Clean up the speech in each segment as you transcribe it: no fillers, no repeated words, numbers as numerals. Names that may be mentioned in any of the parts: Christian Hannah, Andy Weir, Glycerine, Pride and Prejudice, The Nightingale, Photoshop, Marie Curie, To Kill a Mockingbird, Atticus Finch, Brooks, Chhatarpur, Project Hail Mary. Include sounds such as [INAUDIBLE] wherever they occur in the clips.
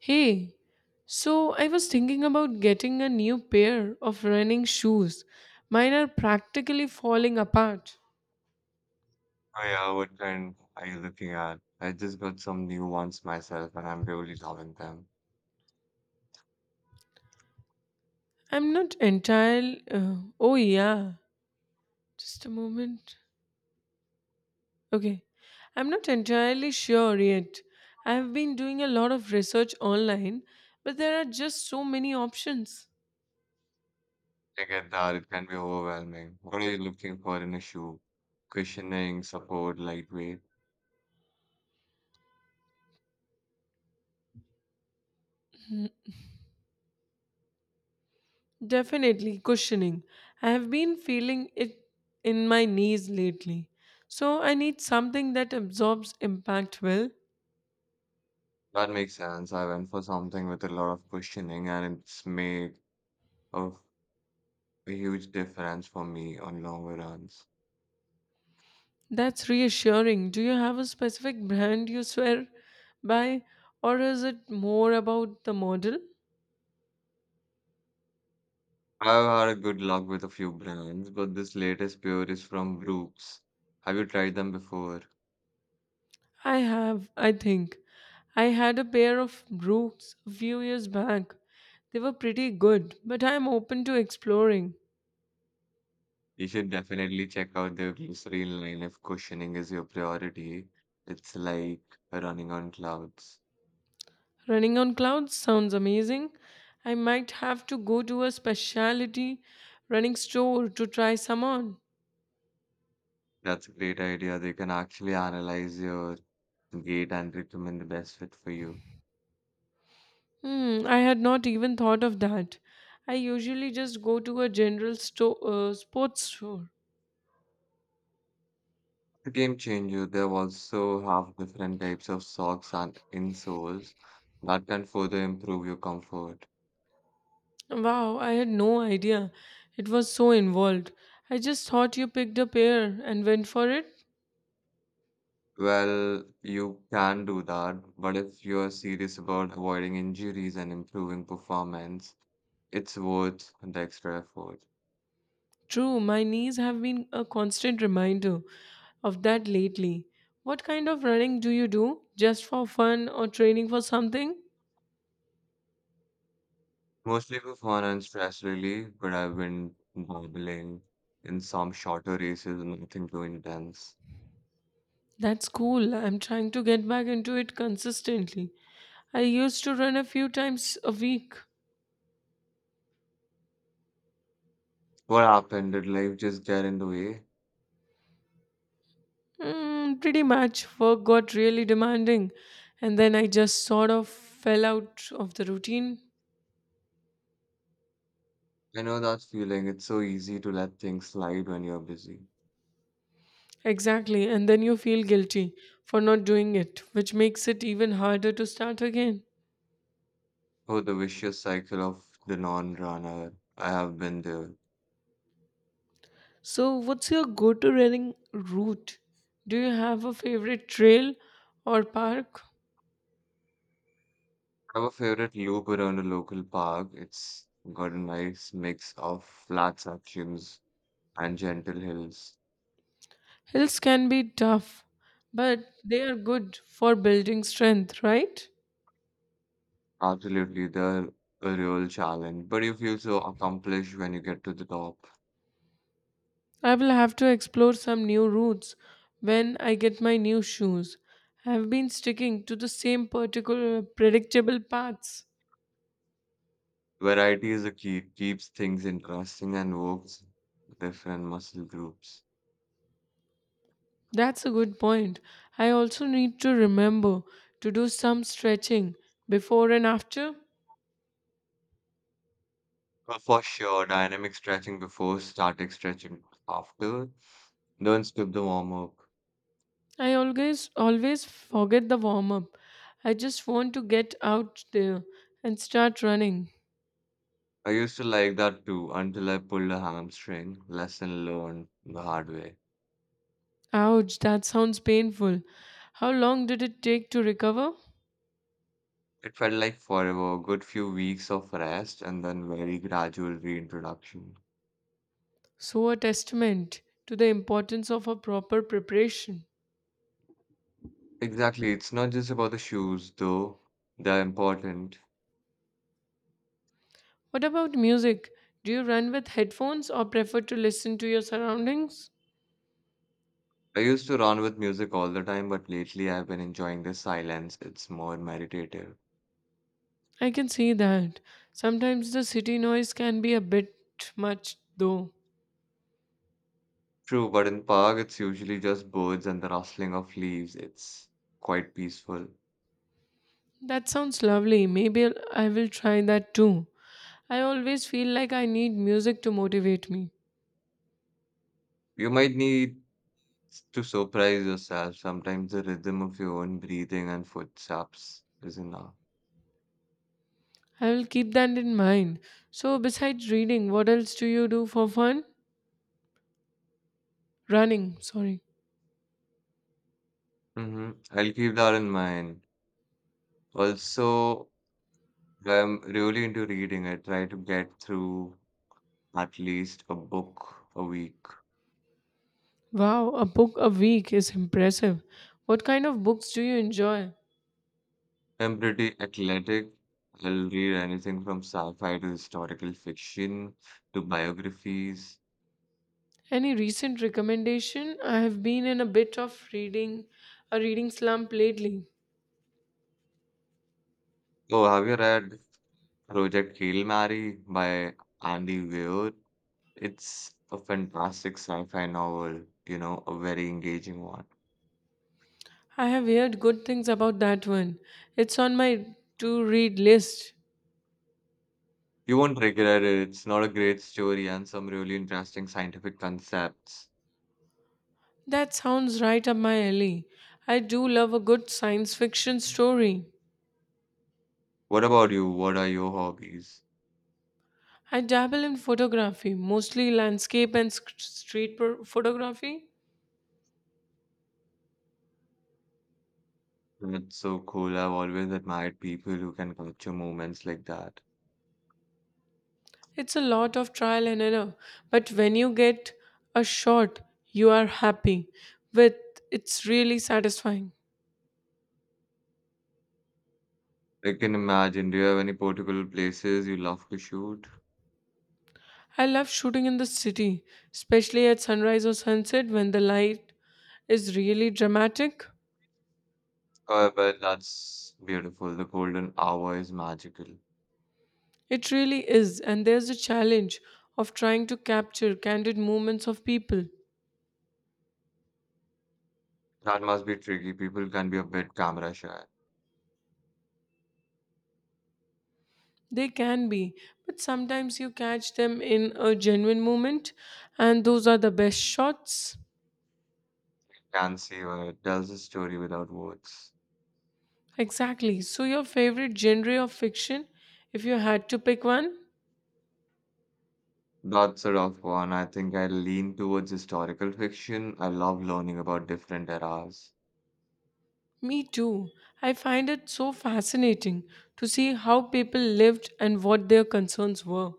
Hey, so I was thinking about getting a new pair of running shoes. Mine are practically falling apart. Oh yeah, what kind are you looking at? I just got some new ones myself and I'm really loving them. I'm not entirely. Oh, yeah. Just a moment. Okay. I'm not entirely sure yet. I have been doing a lot of research online, but there are just so many options. I get that it can be overwhelming. What are you looking for in a shoe? Cushioning, support, lightweight. Definitely cushioning. I have been feeling it in my knees lately. So I need something that absorbs impact well. That makes sense. I went for something with a lot of cushioning and it's made a, huge difference for me on longer runs. That's reassuring. Do you have a specific brand you swear by, or is it more about the model? I've had a good luck with a few brands, but this latest pair is from Brooks. Have you tried them before? I have, I think. I had a pair of Brooks a few years back. They were pretty good, but I'm open to exploring. You should definitely check out the Glycerine line if questioning is your priority. It's like running on clouds. Running on clouds sounds amazing. I might have to go to a specialty running store to try some on. That's a great idea. They can actually analyze your gait and determine the best fit for you. Hmm, I had not even thought of that. I usually just go to a general store, sports store. A game changer, they also have different types of socks and insoles that can further improve your comfort. Wow, I had no idea. It was so involved. I just thought you picked a pair and went for it. Well, you can do that, but if you're serious about avoiding injuries and improving performance, it's worth the extra effort. True, my knees have been a constant reminder of that lately. What kind of running do you do? Just for fun or training for something? Mostly for fun and stress relief, but I've been dabbling in some shorter races, nothing too intense. That's cool. I'm trying to get back into it consistently. I used to run a few times a week. What happened? Did life just get in the way? Pretty much. Work got really demanding, and then I just sort of fell out of the routine. I know that feeling. It's so easy to let things slide when you're busy. Exactly, and then you feel guilty for not doing it, which makes it even harder to start again. Oh, the vicious cycle of the non-runner. I have been there. So, what's your go to running route? Do you have a favorite trail or park? I have a favorite loop around a local park. It's got a nice mix of flat sections and gentle hills. Hills can be tough, but they are good for building strength, right? Absolutely, the a real challenge, but you feel so accomplished when you get to the top. I will have to explore some new routes when I get my new shoes. I have been sticking to the same particular predictable paths. Variety is a key, keeps things interesting and works different muscle groups. That's a good point. I also need to remember to do some stretching before and after. But for sure, dynamic stretching before, static stretching after. Don't skip the warm up. I always forget the warm up. I just want to get out there and start running. I used to like that too until I pulled a hamstring. Lesson learned the hard way. Ouch, that sounds painful. How long did it take to recover? It felt like forever, good few weeks of rest and then very gradual reintroduction. So a testament to the importance of a proper preparation. Exactly. It's not just about the shoes, though. They're important. What about music? Do you run with headphones or prefer to listen to your surroundings? I used to run with music all the time, but lately I've been enjoying the silence. It's more meditative. I can see that. Sometimes the city noise can be a bit much, though. True, but in park it's usually just birds and the rustling of leaves. It's quite peaceful. That sounds lovely. I will try that too. I always feel like I need music to motivate me. You might need to surprise yourself. Sometimes the rhythm of your own breathing and footsteps is enough. I will keep that in mind. So, besides reading, what else do you do for fun? Running, sorry. Mm-hmm. I'll keep that in mind. Also, I'm really into reading. I try to get through at least a book a week. Wow, a book a week is impressive. What kind of books do you enjoy? I'm pretty athletic. I'll read anything from sci-fi to historical fiction to biographies. Any recent recommendation? I have been in a bit of reading, a reading slump lately. Oh, have you read Project Hail Mary by Andy Weir? It's a fantastic sci-fi novel, a very engaging one. I have heard good things about that one. It's on my to read list. You won't regret it. It's not a great story and some really interesting scientific concepts. That sounds right up my alley. I do love a good science fiction story. What about you? What are your hobbies? I dabble in photography, mostly landscape and photography. That's so cool. I've always admired people who can capture moments like that. It's a lot of trial and error, but when you get a shot you are happy with, it's really satisfying. I can imagine. Do you have any particular places you love to shoot? I love shooting in the city, especially at sunrise or sunset when the light is really dramatic. Oh, I bet that's beautiful. The golden hour is magical. It really is, and there's a challenge of trying to capture candid moments of people. That must be tricky. People can be a bit camera shy. They can be, but sometimes you catch them in a genuine moment, and those are the best shots. Can see where it tells a story without words. Exactly. So, your favorite genre of fiction, if you had to pick one? That's a rough one. I think I lean towards historical fiction. I love learning about different eras. Me too. I find it so fascinating to see how people lived and what their concerns were.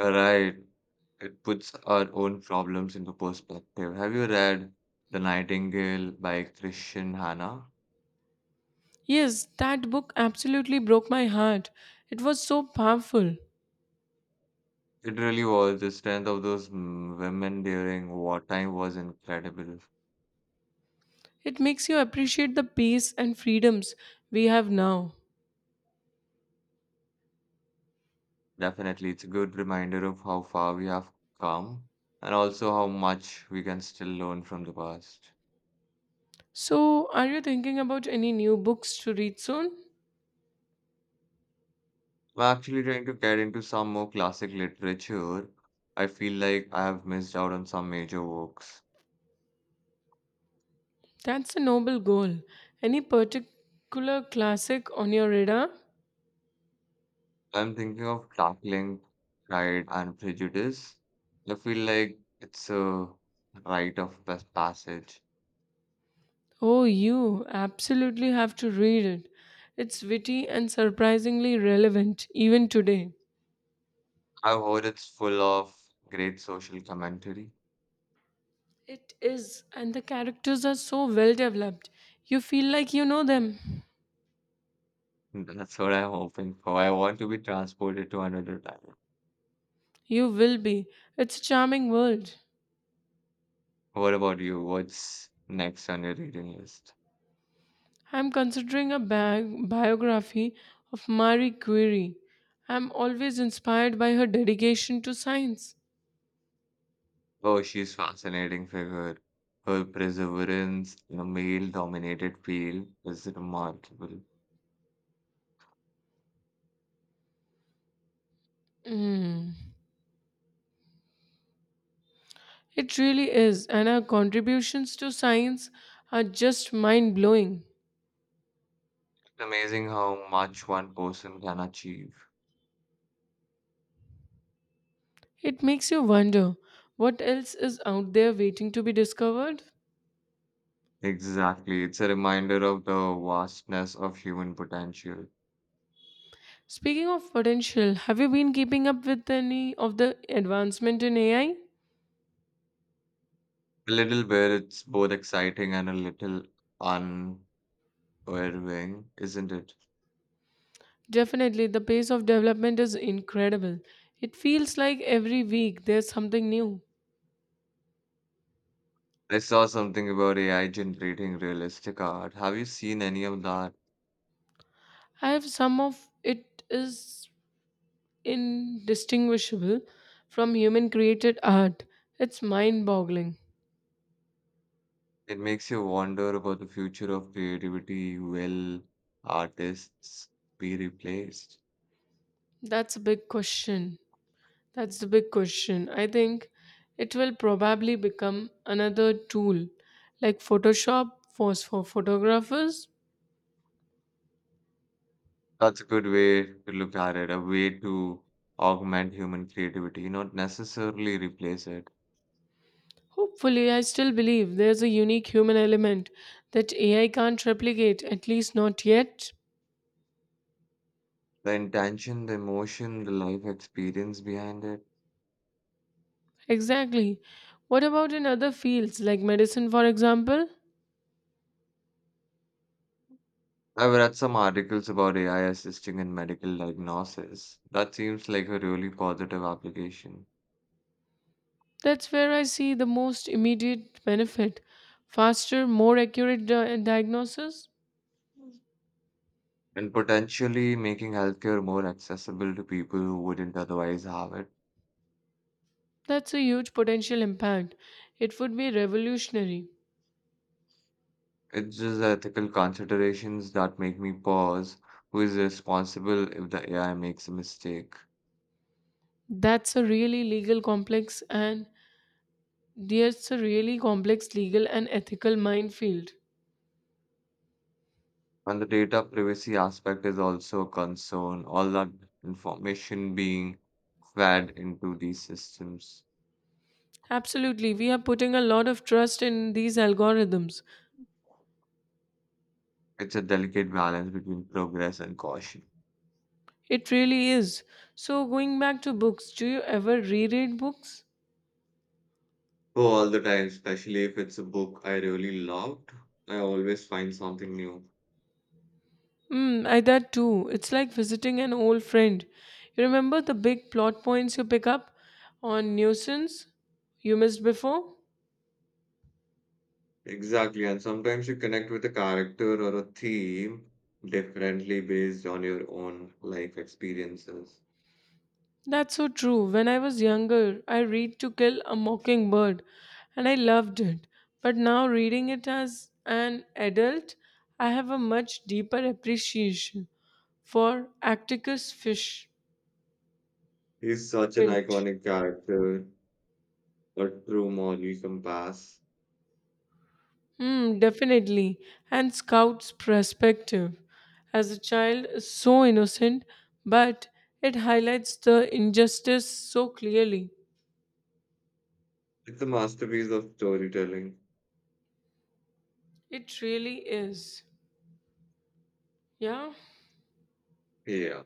Right. It puts our own problems into perspective. Have you read The Nightingale by Christian Hannah? Yes, that book absolutely broke my heart. It was so powerful. It really was. The strength of those women during wartime was incredible. It makes you appreciate the peace and freedoms we have now. Definitely, it's a good reminder of how far we have come and also how much we can still learn from the past. So, are you thinking about any new books to read soon? I'm actually trying to get into some more classic literature. I feel like I have missed out on some major works. That's a noble goal. Any particular classic on your radar? I'm thinking of tackling Pride and Prejudice. I feel like it's a rite of passage. Oh, you absolutely have to read it. It's witty and surprisingly relevant, even today. I've heard it's full of great social commentary. It is, and the characters are so well developed. You feel like you know them. [LAUGHS] That's what I'm hoping for. I want to be transported to another time. You will be. It's a charming world. What about you? What's next on your reading list? I'm considering a biography of Marie Curie. I'm always inspired by her dedication to science. Oh, she's fascinating figure. Her perseverance in a male-dominated field is remarkable. It's It really is, and her contributions to science are just mind blowing. amazing how much one person can achieve. It makes you wonder what else is out there waiting to be discovered. Exactly. It's a reminder of the vastness of human potential. Speaking of potential, have you been keeping up with any of the advancement in AI? A little where it's both exciting and a little unnerving, isn't it? Definitely, the pace of development is incredible. It feels like every week there's something new. I saw something about AI generating realistic art. Have you seen any of that? I have, some of it is indistinguishable from human created art. It's mind boggling. It makes you wonder about the future of creativity. Will artists be replaced? That's a big question. That's the big question. I think it will probably become another tool like Photoshop for photographers. That's a good way to look at it, a way to augment human creativity, not necessarily replace it. Hopefully, I still believe there's a unique human element that AI can't replicate, at least not yet. The intention, the emotion, the life experience behind it. Exactly. What about in other fields like medicine, for example? I've read some articles about AI assisting in medical diagnosis. That seems like a really positive application. That's where I see the most immediate benefit. Faster, more accurate diagnosis? And potentially making healthcare more accessible to people who wouldn't otherwise have it. That's a huge potential impact. It would be revolutionary. It's just the ethical considerations that make me pause. Who is responsible if the AI makes a mistake? That's a really legal complex and that's a really complex legal and ethical minefield. And the data privacy aspect is also a concern, all that information being fed into these systems. Absolutely, we are putting a lot of trust in these algorithms. It's a delicate balance between progress and caution. It really is. So, going back to books, do you ever reread books? Oh, all the time, especially if it's a book I really loved, I always find something new. Mm, I that too. It's like visiting an old friend. You remember the big plot points, you pick up on nuisance you missed before? Exactly, and sometimes you connect with a character or a theme differently based on your own life experiences. That's so true. When I was younger, I read To Kill a Mockingbird and I loved it. But now reading it as an adult, I have a much deeper appreciation for Atticus Fish He's such an Finch. iconic character, a true moral compass. Hmm, definitely. And Scout's perspective as a child is so innocent, but it highlights the injustice so clearly. It's a masterpiece of storytelling. It really is. Yeah. Yeah.